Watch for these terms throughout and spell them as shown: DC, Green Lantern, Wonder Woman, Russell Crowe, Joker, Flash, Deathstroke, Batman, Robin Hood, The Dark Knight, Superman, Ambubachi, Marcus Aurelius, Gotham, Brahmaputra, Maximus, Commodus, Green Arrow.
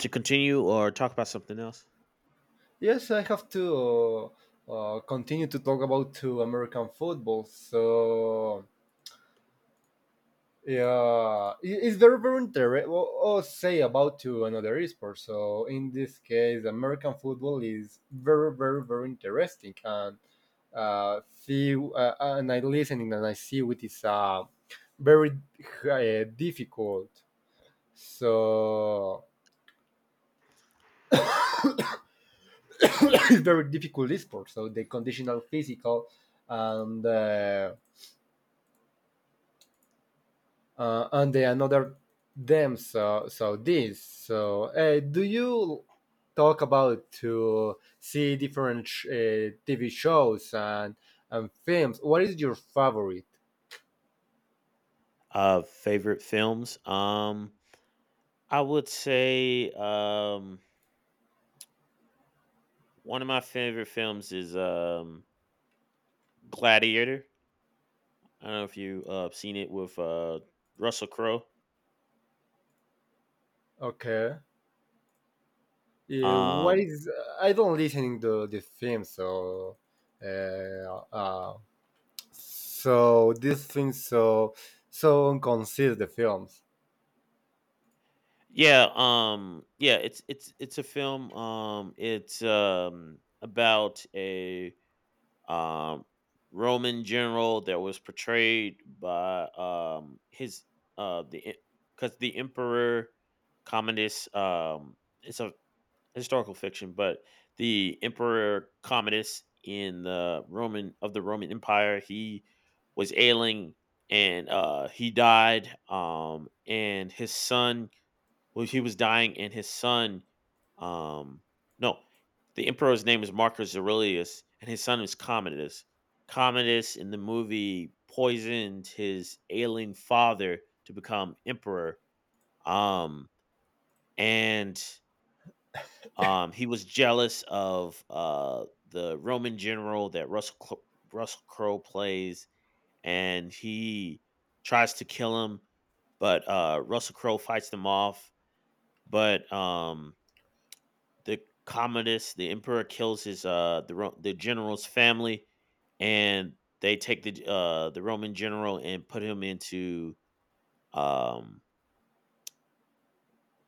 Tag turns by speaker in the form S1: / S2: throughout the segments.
S1: To continue or talk about something else?
S2: Yes, I have to continue to talk about to American football. So yeah, it's very interesting. Or say about to another sport. So in this case, American football is very interesting, and see and I listening and I see it is very difficult. So it's very difficult sport. So the conditional physical and. Uh, and they another them so this so do you talk about to see different tv shows and films what is your favorite
S1: Favorite films? I would say one of my favorite films is Gladiator. I don't know if you seen it with Russell Crowe.
S2: okay what
S1: Um,
S2: is I don't listening to the film so uh, uh so this thing so consider the films.
S1: Yeah, yeah, it's a film. It's about a um Roman general that was portrayed by his the because the emperor Commodus, it's a historical fiction, but the emperor Commodus in the Roman Empire, he was ailing, and he died, and his son, well, he was dying, and his son, um, no, the emperor's name is Marcus Aurelius, and his son is Commodus. Commodus in the movie poisoned his ailing father to become emperor, um, and he was jealous of the Roman general that Russell Crowe plays, and he tries to kill him, but Russell Crowe fights them off. But the Commodus, the emperor kills his the general's family, and they take the Roman general and put him into, um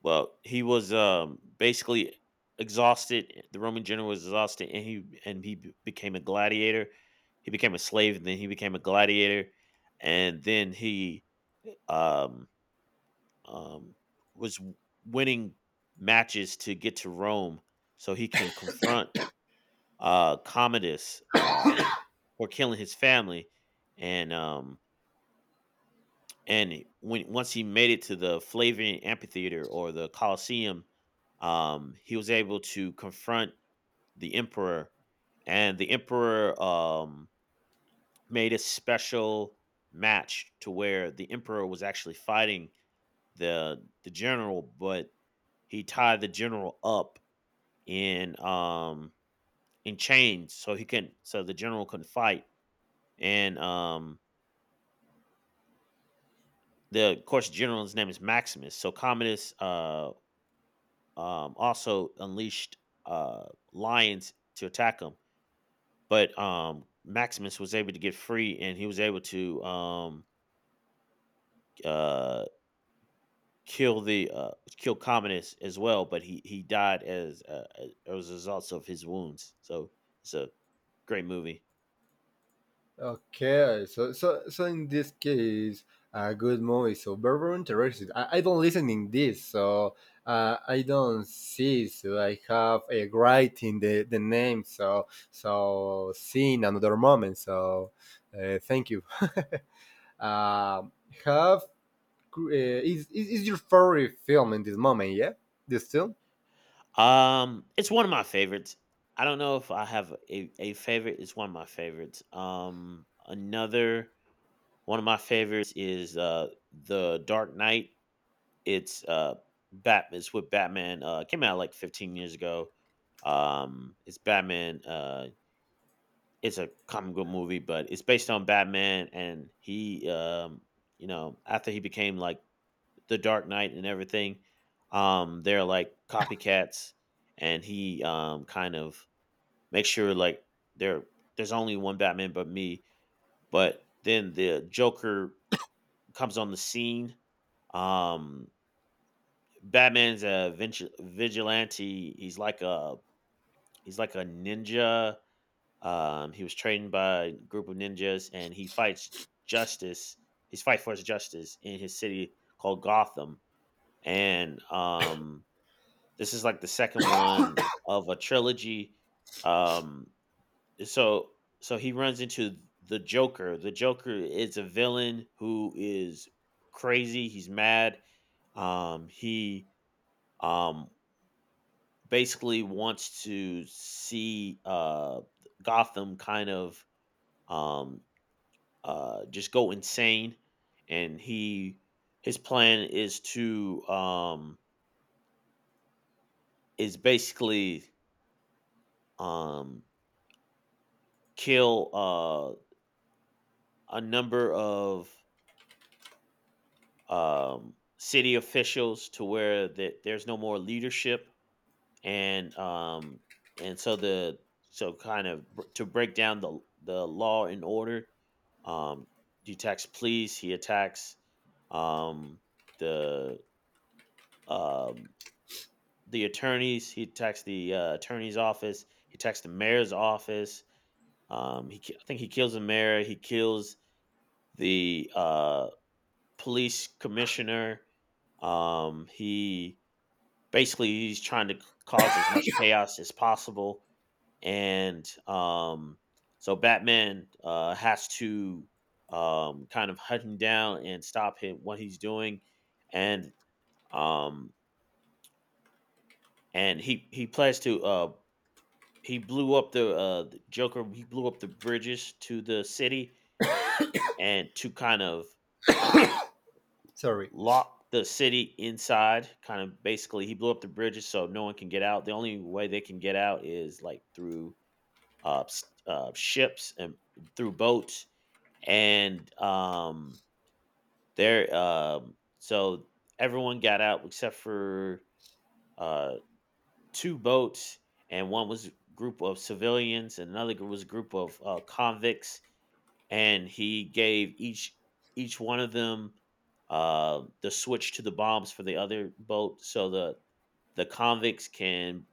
S1: well, he was basically exhausted. The Roman general was exhausted, and he became a gladiator. He became a slave, and then he became a gladiator, and then he um um was winning matches to get to Rome so he can confront Commodus, for killing his family, and um and when once he made it to the Flavian amphitheater or the Colosseum, he was able to confront the emperor. And the emperor made a special match to where the emperor was actually fighting the general, but he tied the general up in chains so he couldn't so the general couldn't fight. And the, of course, general's name is Maximus. So Commodus, also unleashed uh, lions to attack him, but Maximus was able to get free, and he was able to, uh, kill the uh, kill Commodus as well. But he died as as a result of his wounds. So it's a great movie.
S2: Okay, so in this case, a good movie. So very interested. I don't listen in this, so I don't see. So I have a writing the name. So see in another moment. So thank you. um, have is is your favorite film in this moment? Yeah, this film.
S1: It's one of my favorites. I don't know if I have a favorite. It's one of my favorites. Another One of my favorites is The Dark Knight. It's uh it's with Batman. It came out like 15 years ago. It's Batman. It's a comic book movie, but it's based on Batman, and he, after he became like the Dark Knight and everything, they're like copycats, and he kind of makes sure, like, there there's only one Batman but me, but then the Joker comes on the scene. Um, Batman's a vigilante. He's like a ninja. He was trained by a group of ninjas, and he fights justice. His fight for his justice in his city called Gotham. And, this is like the second one of a trilogy. Um, so so he runs into the Joker. The Joker is a villain who is crazy. He's mad. He um basically wants to see, Gotham kind of, um, just go insane, and he his plan is to, is basically, um, kill, a number of, city officials, to where that there's no more leadership, and um and so, the so kind of, to break down the law and order. um he attacks police. He attacks um the um the attorneys. He attacks the attorney's office. He attacks the mayor's office. I think he kills the mayor. He kills the police commissioner. He Basically, he's trying to cause as much chaos as possible, and so Batman has to, kind of hunt him down and stop him what he's doing. And um, and he plans to, he blew up the Joker he blew up the bridges to the city and to kind of
S2: Sorry.
S1: lock the city inside, kind of. Basically, he blew up the bridges so no one can get out. The only way they can get out is like through ships and through boats. And there so everyone got out except for uh two boats, and one was a group of civilians, and another group was a group of convicts. And he gave each one of them the switch to the bombs for the other boat, so the convicts can,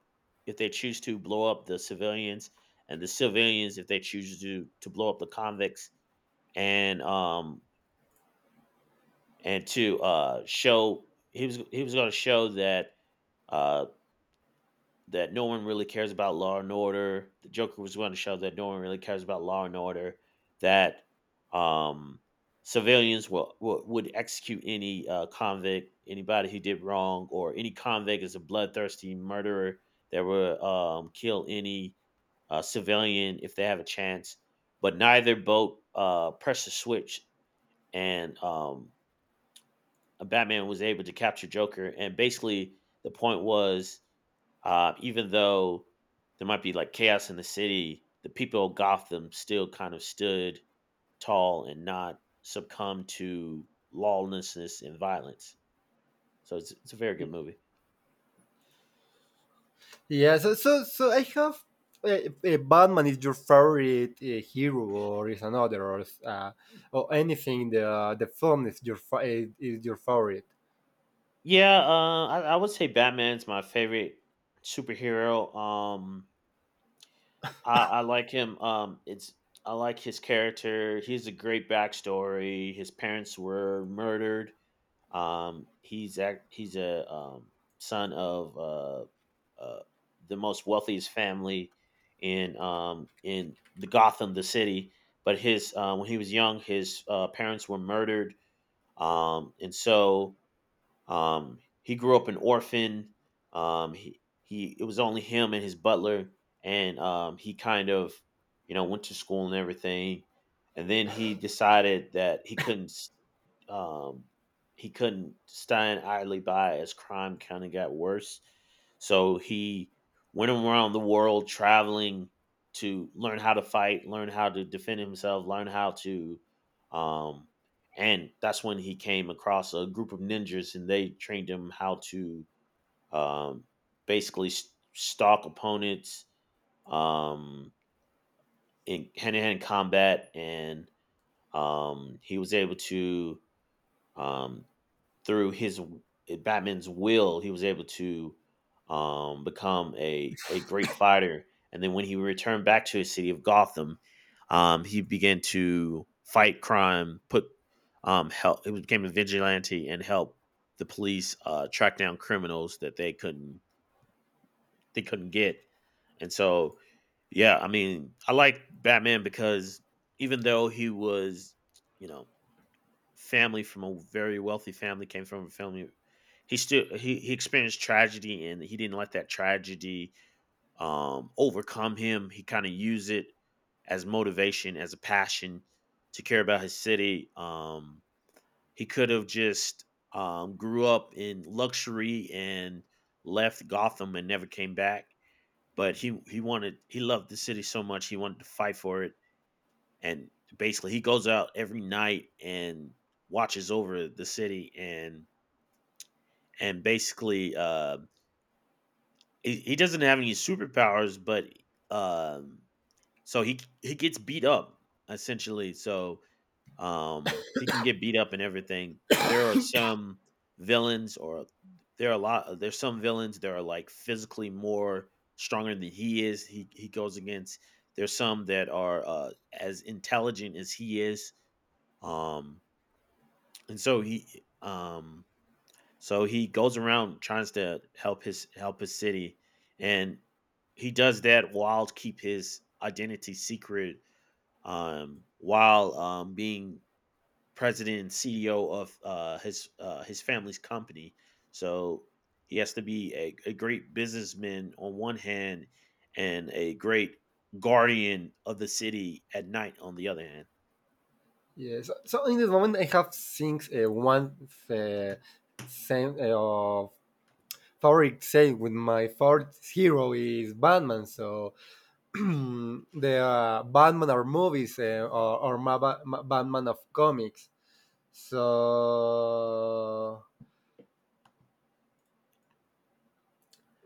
S1: if they choose to, blow up the civilians, and the civilians, if they choose to, blow up the convicts. And um and to, show he was going to show that, uh, that no one really cares about law and order. The Joker was going to show that no one really cares about law and order. That, um, civilians, will would execute any, convict, anybody who did wrong, or any convict is a bloodthirsty murderer that will, kill any, civilian if they have a chance. But neither boat pressed the switch, and, Batman was able to capture Joker, and basically the point was, even though there might be like chaos in the city, the people of Gotham still kind of stood tall and not succumb to lawlessness and violence. So it's a very good movie.
S2: Yeah, so I have uh, Batman is your favorite hero, or is another, or or anything. The film is your is your favorite.
S1: Yeah, I would say Batman's my favorite superhero. I like him. It's I like his character. He has a great backstory. His parents were murdered. He's a, son of, the most wealthiest family in the Gotham, the city. But his when he was young, his parents were murdered, and so, he grew up an orphan. He it was only him and his butler, and he kind of went to school and everything, and then he decided that um, he couldn't stand idly by as crime kind of got worse. So he went around the world traveling to learn how to fight, learn how to defend himself, learn how to, um, and that's when he came across a group of ninjas, and they trained him how to, um, basically stalk opponents, um, in hand-to-hand combat, and, he was able to um, through his Batman's will, he was able to, become a great fighter. And then when he returned back to his city of Gotham, he began to fight crime, put, help. He became a vigilante and help the police track down criminals that they couldn't get. And so, yeah, I mean, I like Batman because even though he was, you know, family from a very wealthy family, came from a family, he still, he experienced tragedy, and he didn't let that tragedy overcome him. He kind of used it as motivation, as a passion, to care about his city. He could have just grew up in luxury and left Gotham and never came back. But he wanted he loved the city so much, he wanted to fight for it, and basically, he goes out every night and watches over the city, and basically, he doesn't have any superpowers. But um so he gets beat up, essentially. So he can get beat up and everything. There are some villains, or there's some villains that are like physically more stronger than he is, he goes against. There's some that are as intelligent as he is. um And so, he goes around trying to help his city, and he does that while to keep his identity secret, while being president and CEO of his family's company. So he has to be a great businessman on one hand and a great guardian of the city at night on the other hand.
S2: Yeah. So in this moment, I have things one same of favorite saying with my favorite hero is Batman. So the Batman are movies or my Batman of comics. So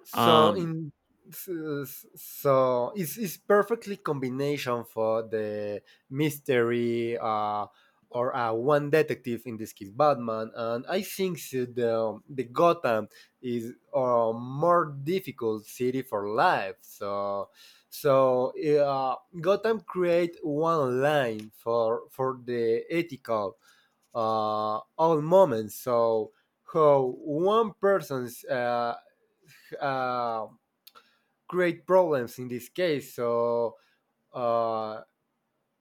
S2: so
S1: Um
S2: in so it's perfectly combination for the mystery or one detective in this case Batman, and I think so the Gotham is a more difficult city for life so so uh, Gotham create one line for the ethical all moments. So how one person's uh, great problems in this case. So uh,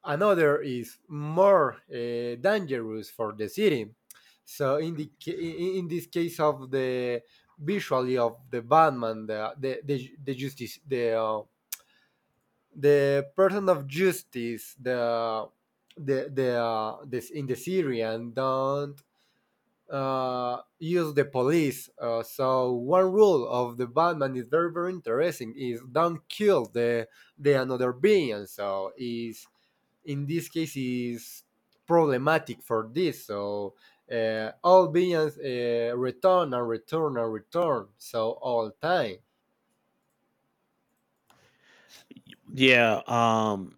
S2: another is more dangerous for the city. So in the in this case of the visually of the Batman, the justice, the person of justice, the this in the Syrian don't use the police. So one rule of the Batman is very interesting is don't kill the another being. So is in this case is problematic for this. So all beings return and return and return. So all time.
S1: yeah. um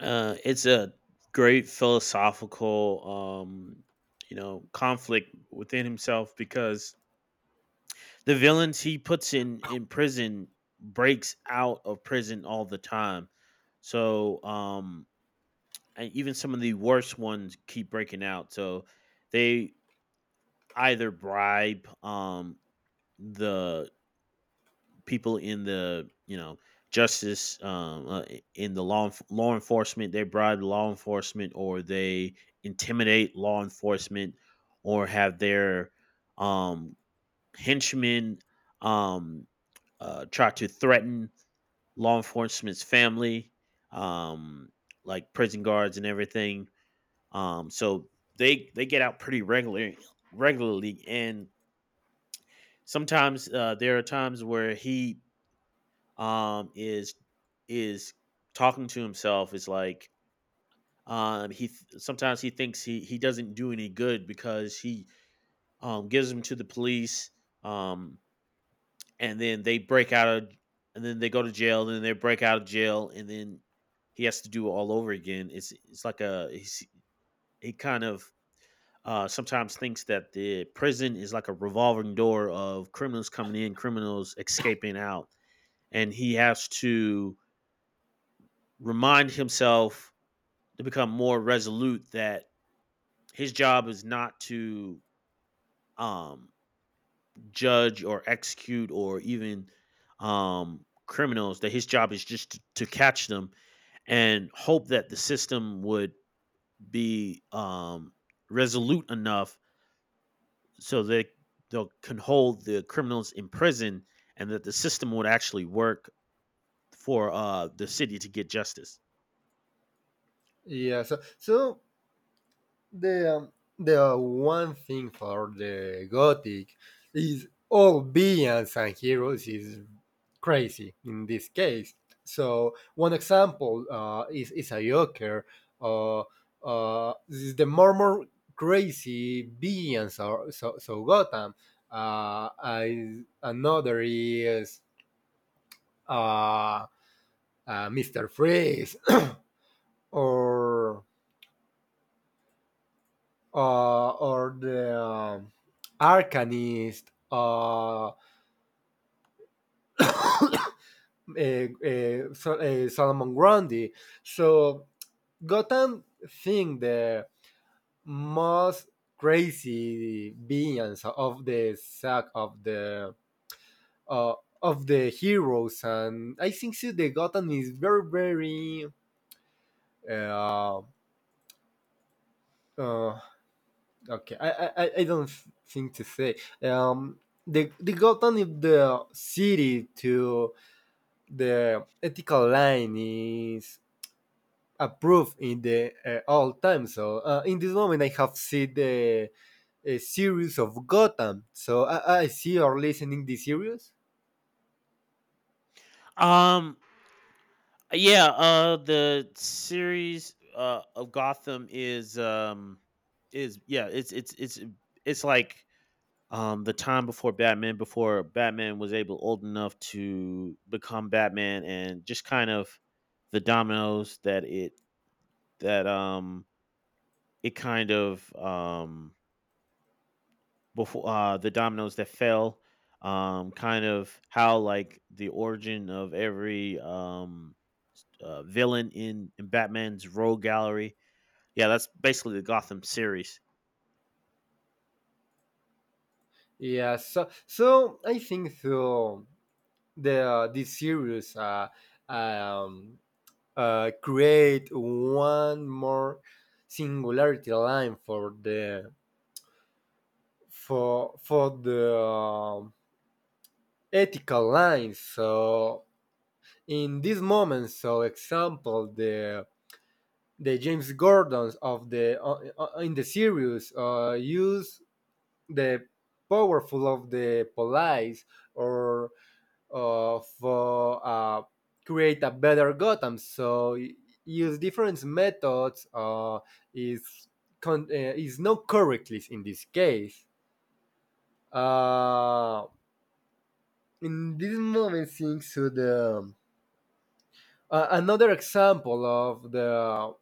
S1: Uh, It's a great philosophical, conflict within himself because the villains he puts in prison breaks out of prison all the time. So, and even some of the worst ones keep breaking out. So they either bribe the people in the justice, in the law enforcement. They bribe law enforcement, or they intimidate law enforcement, or have their um, henchmen, um, try to threaten law enforcement's family, um, like prison guards and everything. So they get out pretty regularly, and sometimes there are times where he, um is is talking to himself. Is like Sometimes he thinks he doesn't do any good because he, gives them to the police, um and then they break out of and then they go to jail, and then they break out of jail, and then he has to do it all over again. It's like, he kind of, sometimes thinks that the prison is like a revolving door of criminals coming in, criminals escaping out, and he has to remind himself to become more resolute, that his job is not to, um judge or execute or even, criminals, that his job is just to catch them and hope that the system would be, resolute enough so that they can hold the criminals in prison, and that the system would actually work for the city to get justice.
S2: Yeah. So so the the one thing for the gothic is all villains and heroes is crazy in this case. So one example is a Joker. Uh, this is the more crazy villains are so so Gotham. I, another is uh, Mister Freeze or or the Arcanist, Solomon Grundy. So Gotham think the most crazy villains of the saga uh, of the heroes, and I think so the Gotham is very very. Uh, uh, okay, I don't think to say. Um, the got is the city to the ethical line is approved in the all time. So in this moment, I have seen the a series of Gotham. So I see or listening this series.
S1: um Yeah, the series, of Gotham is, is, yeah, it's, it's like, the time before Batman, before Batman was, able old enough to become Batman, and just kind of, the dominoes that it kind of before the dominoes that fell, kind of how, like, the origin of every, villain in, Batman's Rogue Gallery. Yeah, that's basically the Gotham series.
S2: Yeah. So I think so the this series um, create one more singularity line for the ethical line. So in these moments so example the james gordons of the in the series use the powerful of the police or for create a better Gotham so use different methods is is not correctly in this case uh, in this moment things to the another example of the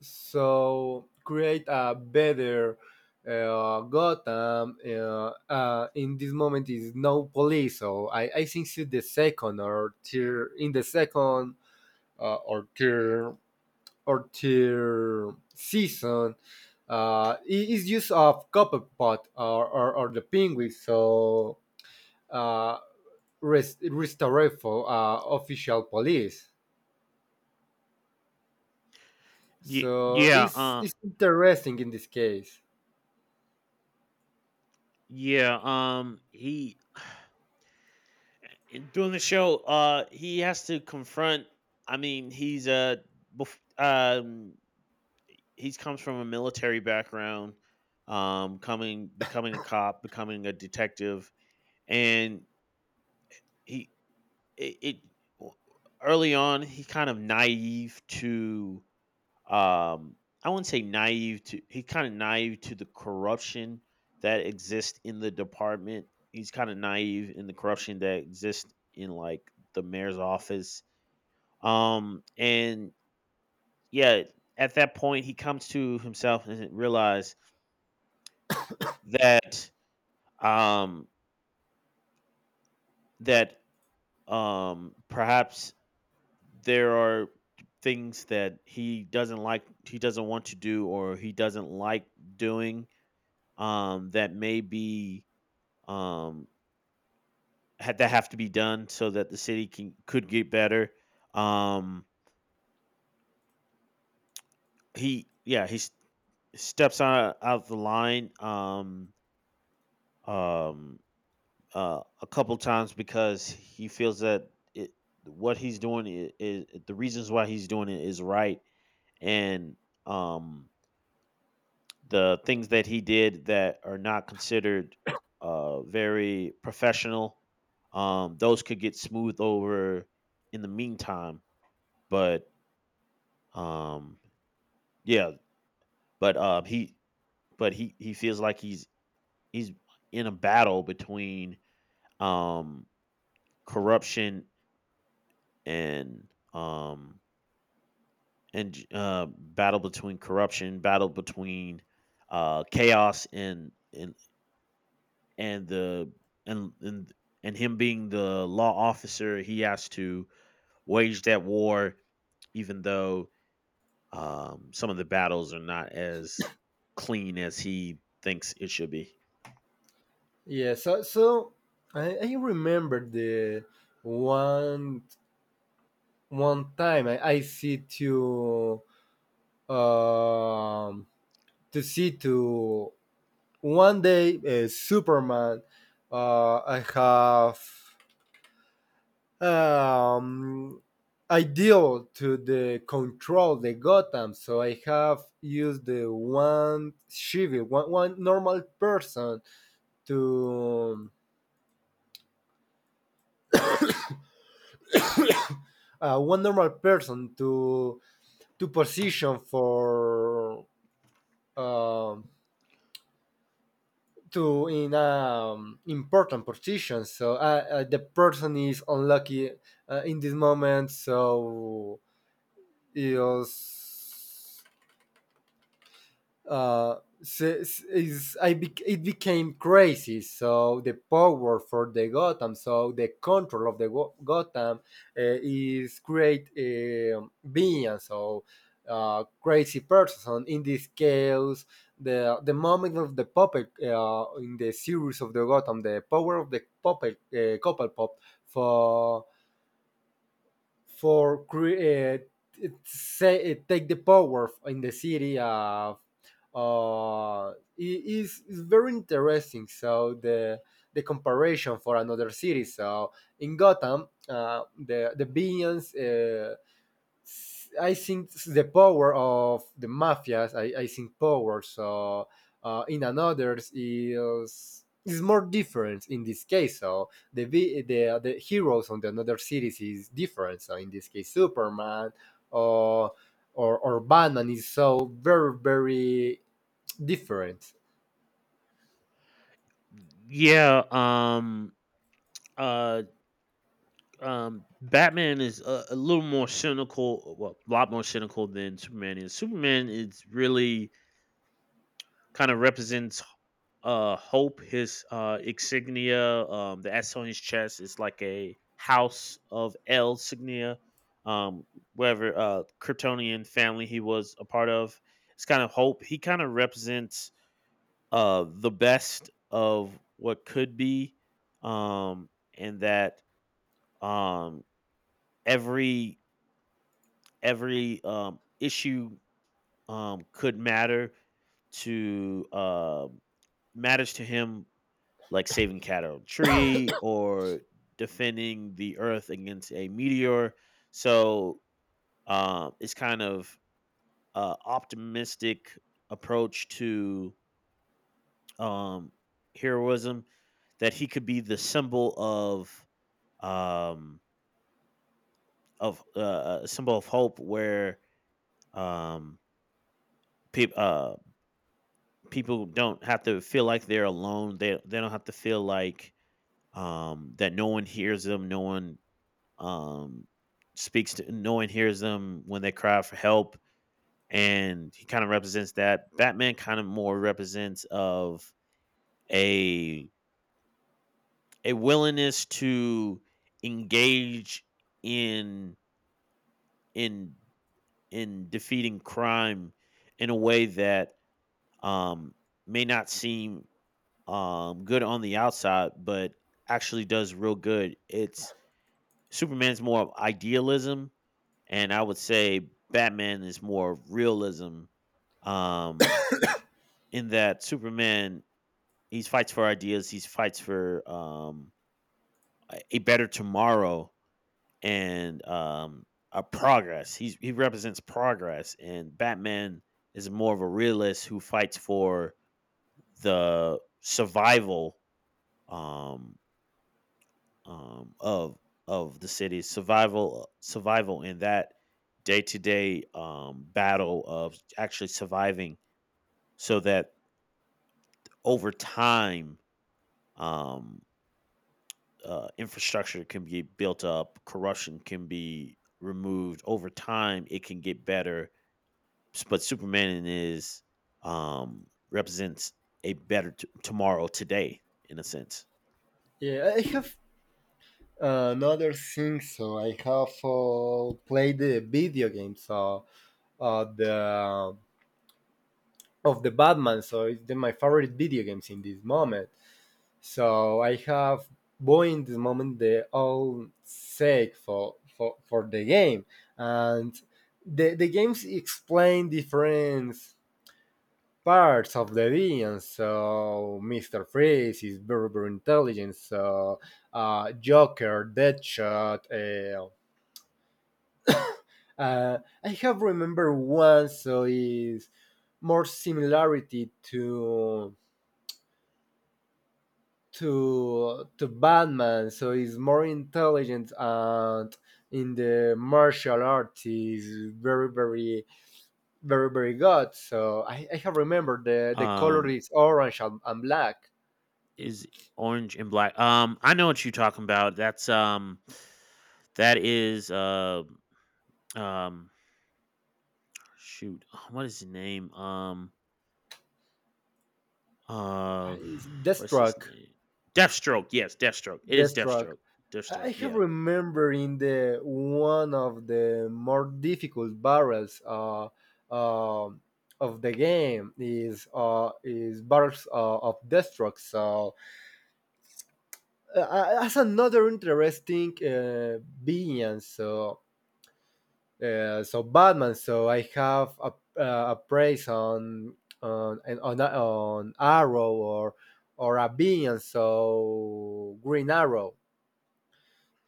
S2: so create a better Gotham. In this moment is no police, so I think it's the second or tier in the second uh, or tier or tier season. It is use of Copperpot or the penguin, so uh, restore official police.
S1: Ye-
S2: So
S1: yeah, uh,
S2: it's interesting in this case.
S1: yeah. He in doing the show, he has to confront. I mean, he's bef- um, he's comes from a military background, coming becoming a cop, becoming a detective, and he it early on he kind of naive to, um I wouldn't say naive to, the corruption that exists in the department. He's kind of naive in the corruption that exists in like the mayor's office. And yeah, at that point he comes to himself and realize that, um that, perhaps there are things that he doesn't like, he doesn't want to do, or he doesn't like doing, that may be um had that have to be done so that the city can, could get better. um he, yeah, he steps out the line, um a couple times, because he feels that, what he's doing is the reasons why he's doing it is right, and, um the things that he did that are not considered, very professional, those could get smoothed over in the meantime. But, um, yeah, he, but he feels like he's in a battle between, um, corruption, and, battle between corruption, battle between, chaos, and the and and him being the law officer, he has to wage that war, even though, some of the battles are not as clean as he thinks it should be.
S2: Yeah, so so I remember the one one time I see to um to see to one day Superman I have ideal to the control the Gotham so I have used the one civil one one normal person to one normal person to position for um to in important position. So the person is unlucky in this moment. So is uh, is it became crazy. So the power for the Gotham, so the control of the Gotham is great being. So crazy person in this chaos. The moment of the puppet in the series of the Gotham, the power of the puppet, couple pop for for create say it take the power in the city of is very interesting so the comparison for another city so in Gotham the villains I think the power of the mafias. I think power. So in another's is more different in this case. So the the heroes on the another series is different. So in this case, Superman or or Batman is so very different.
S1: Yeah, uh, Batman is a little more cynical, well, a lot more cynical than Superman is. Superman is really kind of represents, hope. His, insignia, that's on his chest, is like a house of L signia, um whatever kryptonian family he was a part of. It's kind of hope. He kind of represents, the best of what could be, um and that, um every every, issue, could matter to matters to him, like saving cat out of a tree, or defending the earth against a meteor. So, it's kind of, optimistic approach to, um, heroism, that he could be the symbol of, um, a symbol of hope, where, um, peop uh, people don't have to feel like they're alone. They don't have to feel like, that no one hears them, um, no one hears them when they cry for help. And he kind of represents that. Batman kind of more represents of a a willingness to engage in in in defeating crime, in a way that, um may not seem, good on the outside, but actually does real good. It's, Superman's more of idealism, and I would say Batman is more realism. Um, in that, Superman, he fights for ideas, he fights for, a better tomorrow, and, a progress. He represents progress, and Batman is more of a realist who fights for the survival, um um of of the city, survival in that day to day, battle of actually surviving, so that over time, um, infrastructure can be built up, corruption can be removed. Over time, it can get better. But Superman is, represents a better tomorrow today, in a sense.
S2: Yeah, I have another thing. So I have played the video game. So the of the Batman. So it's the, my favorite video games in this moment. So I have bought in this moment the all sake for the game, and the games explain different parts of the villain. So Mister Freeze is very intelligent. So Joker, Deadshot. I have remember one, so is more similarity to to Batman, so he's more intelligent and in the martial arts is very good. So I have remembered the color
S1: Um,
S2: is orange and black.
S1: is orange and black? I know what you're talking about. That's, that is, um, shoot, what is his name? Uh,
S2: It's
S1: what's his
S2: Deathstroke.
S1: name? Deathstroke. Yes, Deathstroke. It is
S2: Deathstroke.
S1: Deathstroke.
S2: I
S1: Deathstroke.
S2: have
S1: Yeah.
S2: remembered in the one of the more difficult barrels um of the game is barrels of Deathstroke. So that's another interesting villain. So so Batman. So I have a praise on Arrow or a villain. So Green Arrow.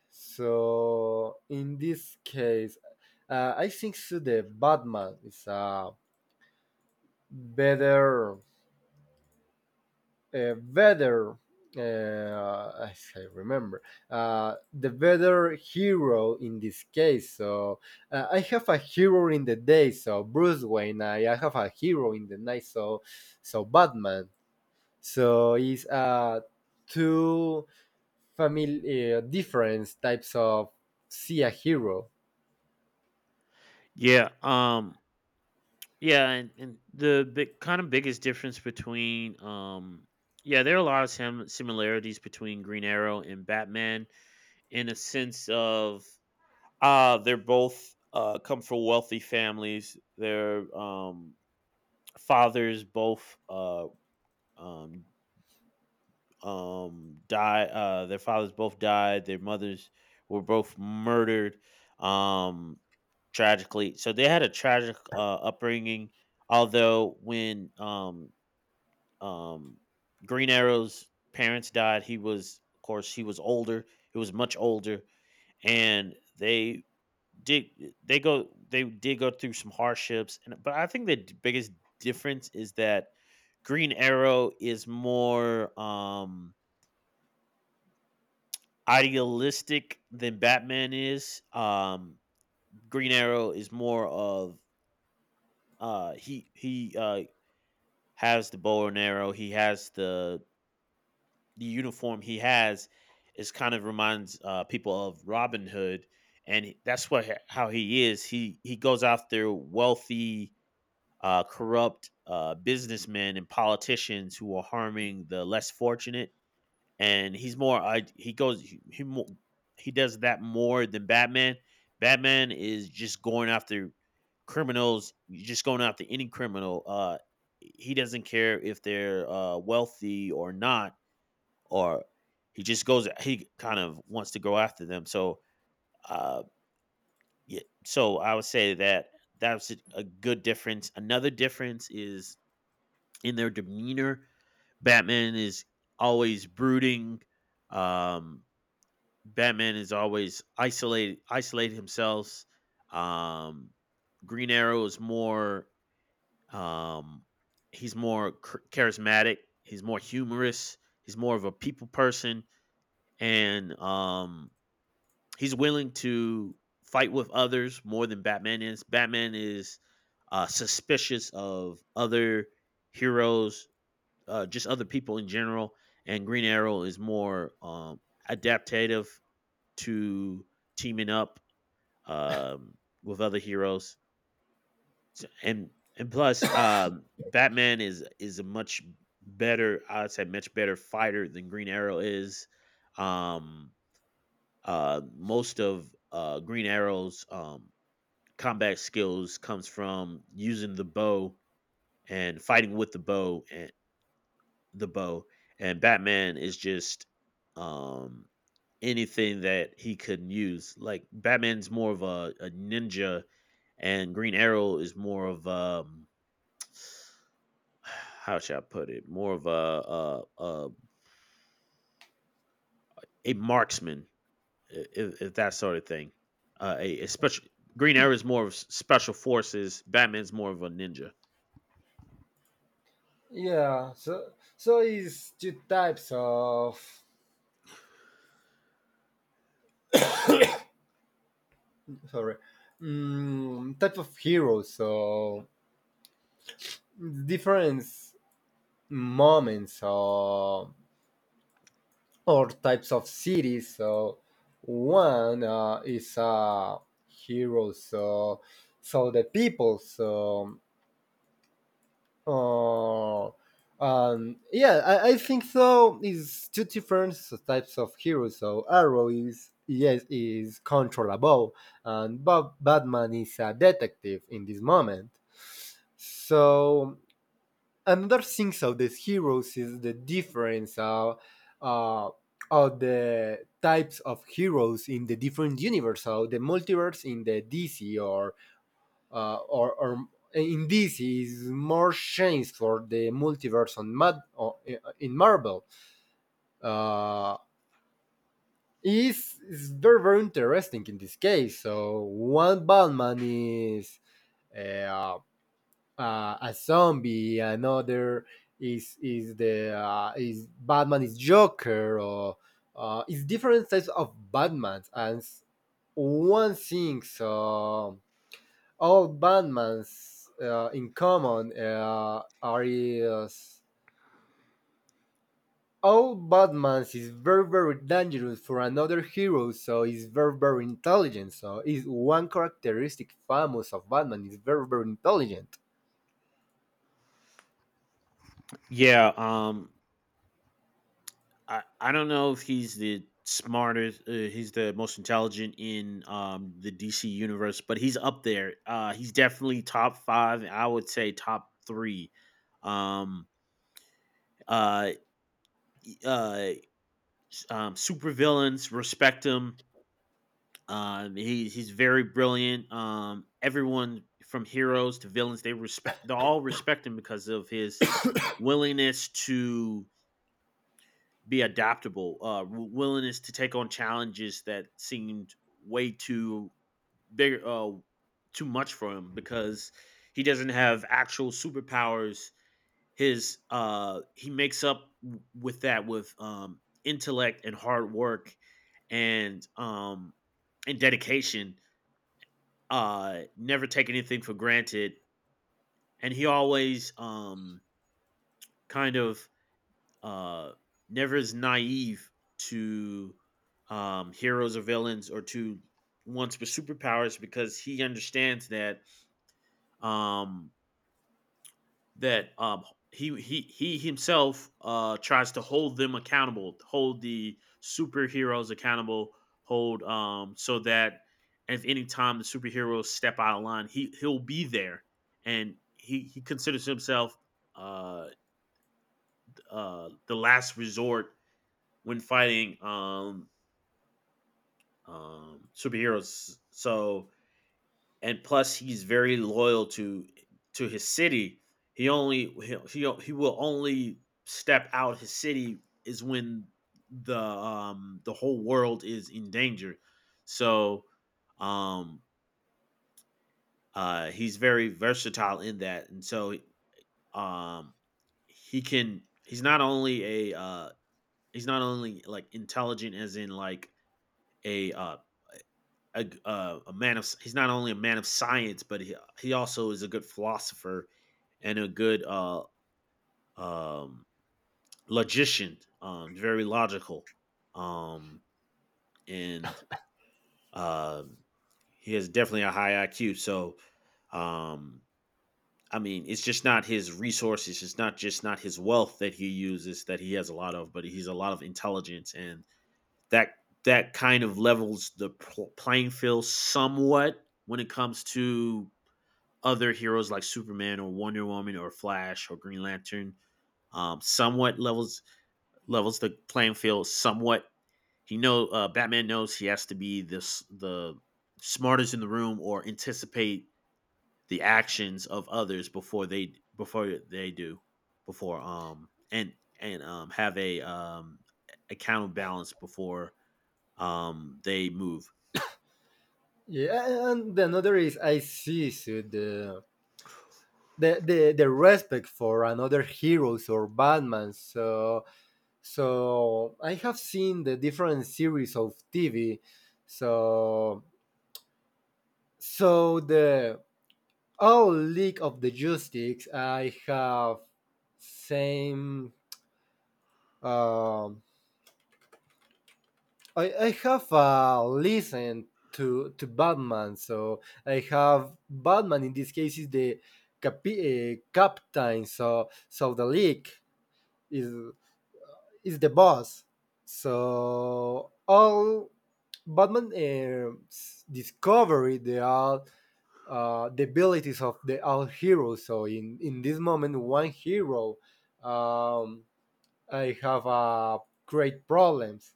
S2: So in this case, I think so the Batman is a better weather. I remember the weather hero in this case. So I have a hero in the day, so Bruce Wayne. I have a hero in the night, so so Batman. So it's two family different types of see a hero.
S1: Yeah. Yeah. And the big kind of biggest difference between, Yeah, there are a lot of similarities between Green Arrow and Batman, in a sense of, they're both come from wealthy families. Their, fathers both, um die their fathers both died. Their mothers were both murdered, um tragically, so they had a tragic, upbringing, although when, um Green Arrow's parents died, he was, of course, he was older, he was much older. And they did did go through some hardships. And, but I think the biggest difference is that Green Arrow is more, idealistic than Batman is. Green Arrow is more of, he has the bow and arrow. He has the uniform. He has, is kind of reminds, people of Robin Hood, and, that's what, how he is. He goes after wealthy, corrupt, businessmen and politicians who are harming the less fortunate, and he's more, I he goes he, mo- he does that more than Batman. Batman is just going after criminals, just going after any criminal. He doesn't care if they're, wealthy or not, or he just goes. He kind of wants to go after them. So, uh, yeah. So I would say that that's a good difference. Another difference is in their demeanor. Batman is always brooding, um, Batman is always isolated, isolate himself. Um, Green Arrow is more, um, he's more charismatic. He's more humorous. He's more of a people person, and, he's willing to fight with others more than Batman is. Batman is, suspicious of other heroes, just other people in general. And Green Arrow is more, adaptative to teaming up, um, with other heroes. So- and and plus, Batman is a much better, I'd say, much better fighter than Green Arrow is. Um, Most of, Green Arrow's, combat skills comes from using the bow, and fighting with the bow, and, the bow. And Batman is just, um anything that he could use, like Batman's more of a ninja, and Green Arrow is more of, how shall I put it, more of a marksman, if that sort of thing, a special. Green Arrow is more of special forces, Batman's more of a ninja.
S2: Yeah, so it's two types of sorry, mm, type of heroes. So different moments or types of cities. So one is a hero. So so the people. So uh, yeah, I think so. Is two different types of heroes. So Arrow is yes is controllable, and Bob, Batman is a detective in this moment. So another thing of these heroes is the difference uh, of the types of heroes in the different universes, so the multiverse in the DC or uh, or, or in DC is more chance for the multiverse on Mad or in Marvel. Uh, is very very interesting in this case. So one Batman is. Uh, a zombie. Another is the is Batman is Joker or is different types of Batmans. And one thing so all Batmans in common are is all Batmans is very very dangerous for another hero. So is very very intelligent. So is one characteristic famous of Batman is very very intelligent.
S1: Yeah, I don't know if he's the smartest. He's the most intelligent in, the DC universe, but he's up there. He's definitely top five. I would say top three. Um, uh, uh, Super villains respect him. He's very brilliant. Everyone, from heroes to villains, they respect. They all respect him because of his willingness to be adaptable, willingness to take on challenges that seemed way too big, too much for him, because he doesn't have actual superpowers. His, he makes up with that, with, intellect and hard work, and um, and dedication. Never take anything for granted, and he always, kind of, uh, never is naive to, heroes or villains, or to ones with superpowers, because he understands that, um, that, he himself, tries to hold them accountable, hold the superheroes accountable, hold, so that, if any time the superheroes step out of line, he'll be there. And he considers himself, uh, the last resort when fighting, superheroes. So, and plus, he's very loyal to his city. He only, he will only step out his city, is when the whole world is in danger. So, um he's very versatile in that. And so, um he's not only a he's not only, like, intelligent as in, like, a uh A a man of he's not only a man of science, but he also is a good philosopher, and a good, um logician, very logical. Um and uh he has definitely a high IQ. So, um I mean, it's just not his resources, it's not just not his wealth that he uses, that he has a lot of, but he's a lot of intelligence, and that that kind of levels the playing field somewhat, when it comes to other heroes like Superman, or Wonder Woman, or Flash, or Green Lantern. Somewhat levels, the playing field. Somewhat, he know Batman knows he has to be, this, the smartest in the room, or anticipate the actions of others before, they do, before, and have a, a counterbalance, before, they move.
S2: Yeah, and the another is I see so the respect for another heroes or Batman. So so I have seen the different series of TV. So so the all League of the Justice I have same um I have listened to Batman, so I have Batman in this case is the captain, so so the league is is the boss. So all Batman discovery they are the abilities of the all heroes. So in this moment, one hero, um, I have great problems.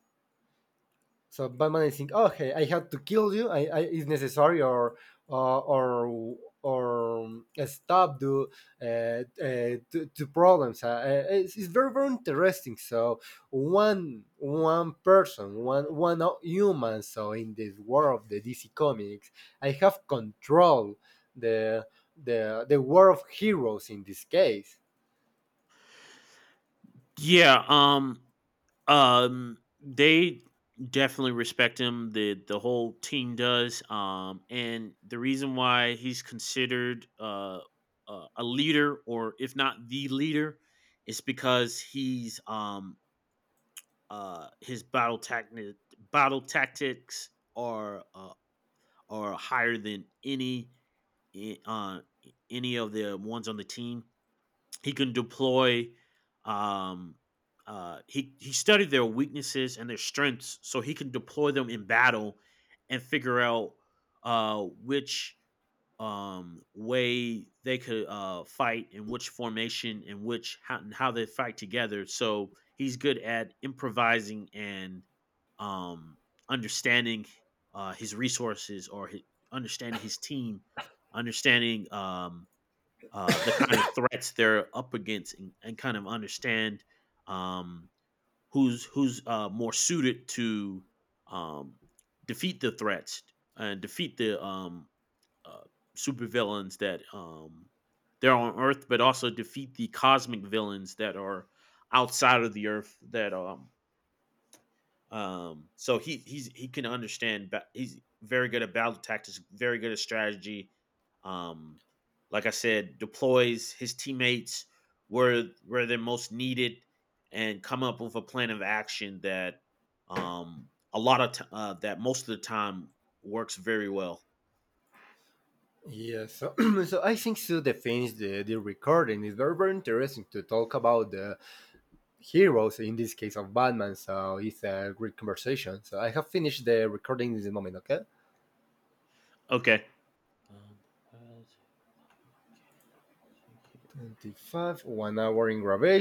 S2: So Batman is think, okay, I have to kill you. I it's necessary or or, or stop do, uh, uh, two, two problems. It's very very interesting. So one one person, one, one human. So in this world of the DC comics, I have control the the world of heroes in this case.
S1: Yeah. They definitely respect him. The whole team does. And the reason why he's considered, a leader, or if not the leader, is because he's, his battle tactics are, are higher than any, i- uh any of the ones on the team. He can deploy. Um, he studied their weaknesses and their strengths, so he can deploy them in battle, and figure out, which, way they could, fight, in which formation, and which how, and how they fight together. So he's good at improvising and, um, understanding, his resources or his, understanding his team, understanding, the kind of threats they're up against, and kind of understand, um, who's, more suited to, um, defeat the threats, and defeat the, uh, supervillains that, they're on Earth, but also defeat the cosmic villains that are outside of the Earth, that, so he can understand. He's very good at battle tactics, very good at strategy. Um, like I said, deploys his teammates where, they're most needed, and come up with a plan of action that, um, a lot of t- that most of the time works very well.
S2: Yes, so, so I think so. The finish the recording is very very interesting to talk about the heroes in this case of Batman so it's a great conversation so I have finished the recording in this moment. Okay.
S1: Okay. Um, what is- okay, see here.
S2: 25 one hour in graduation.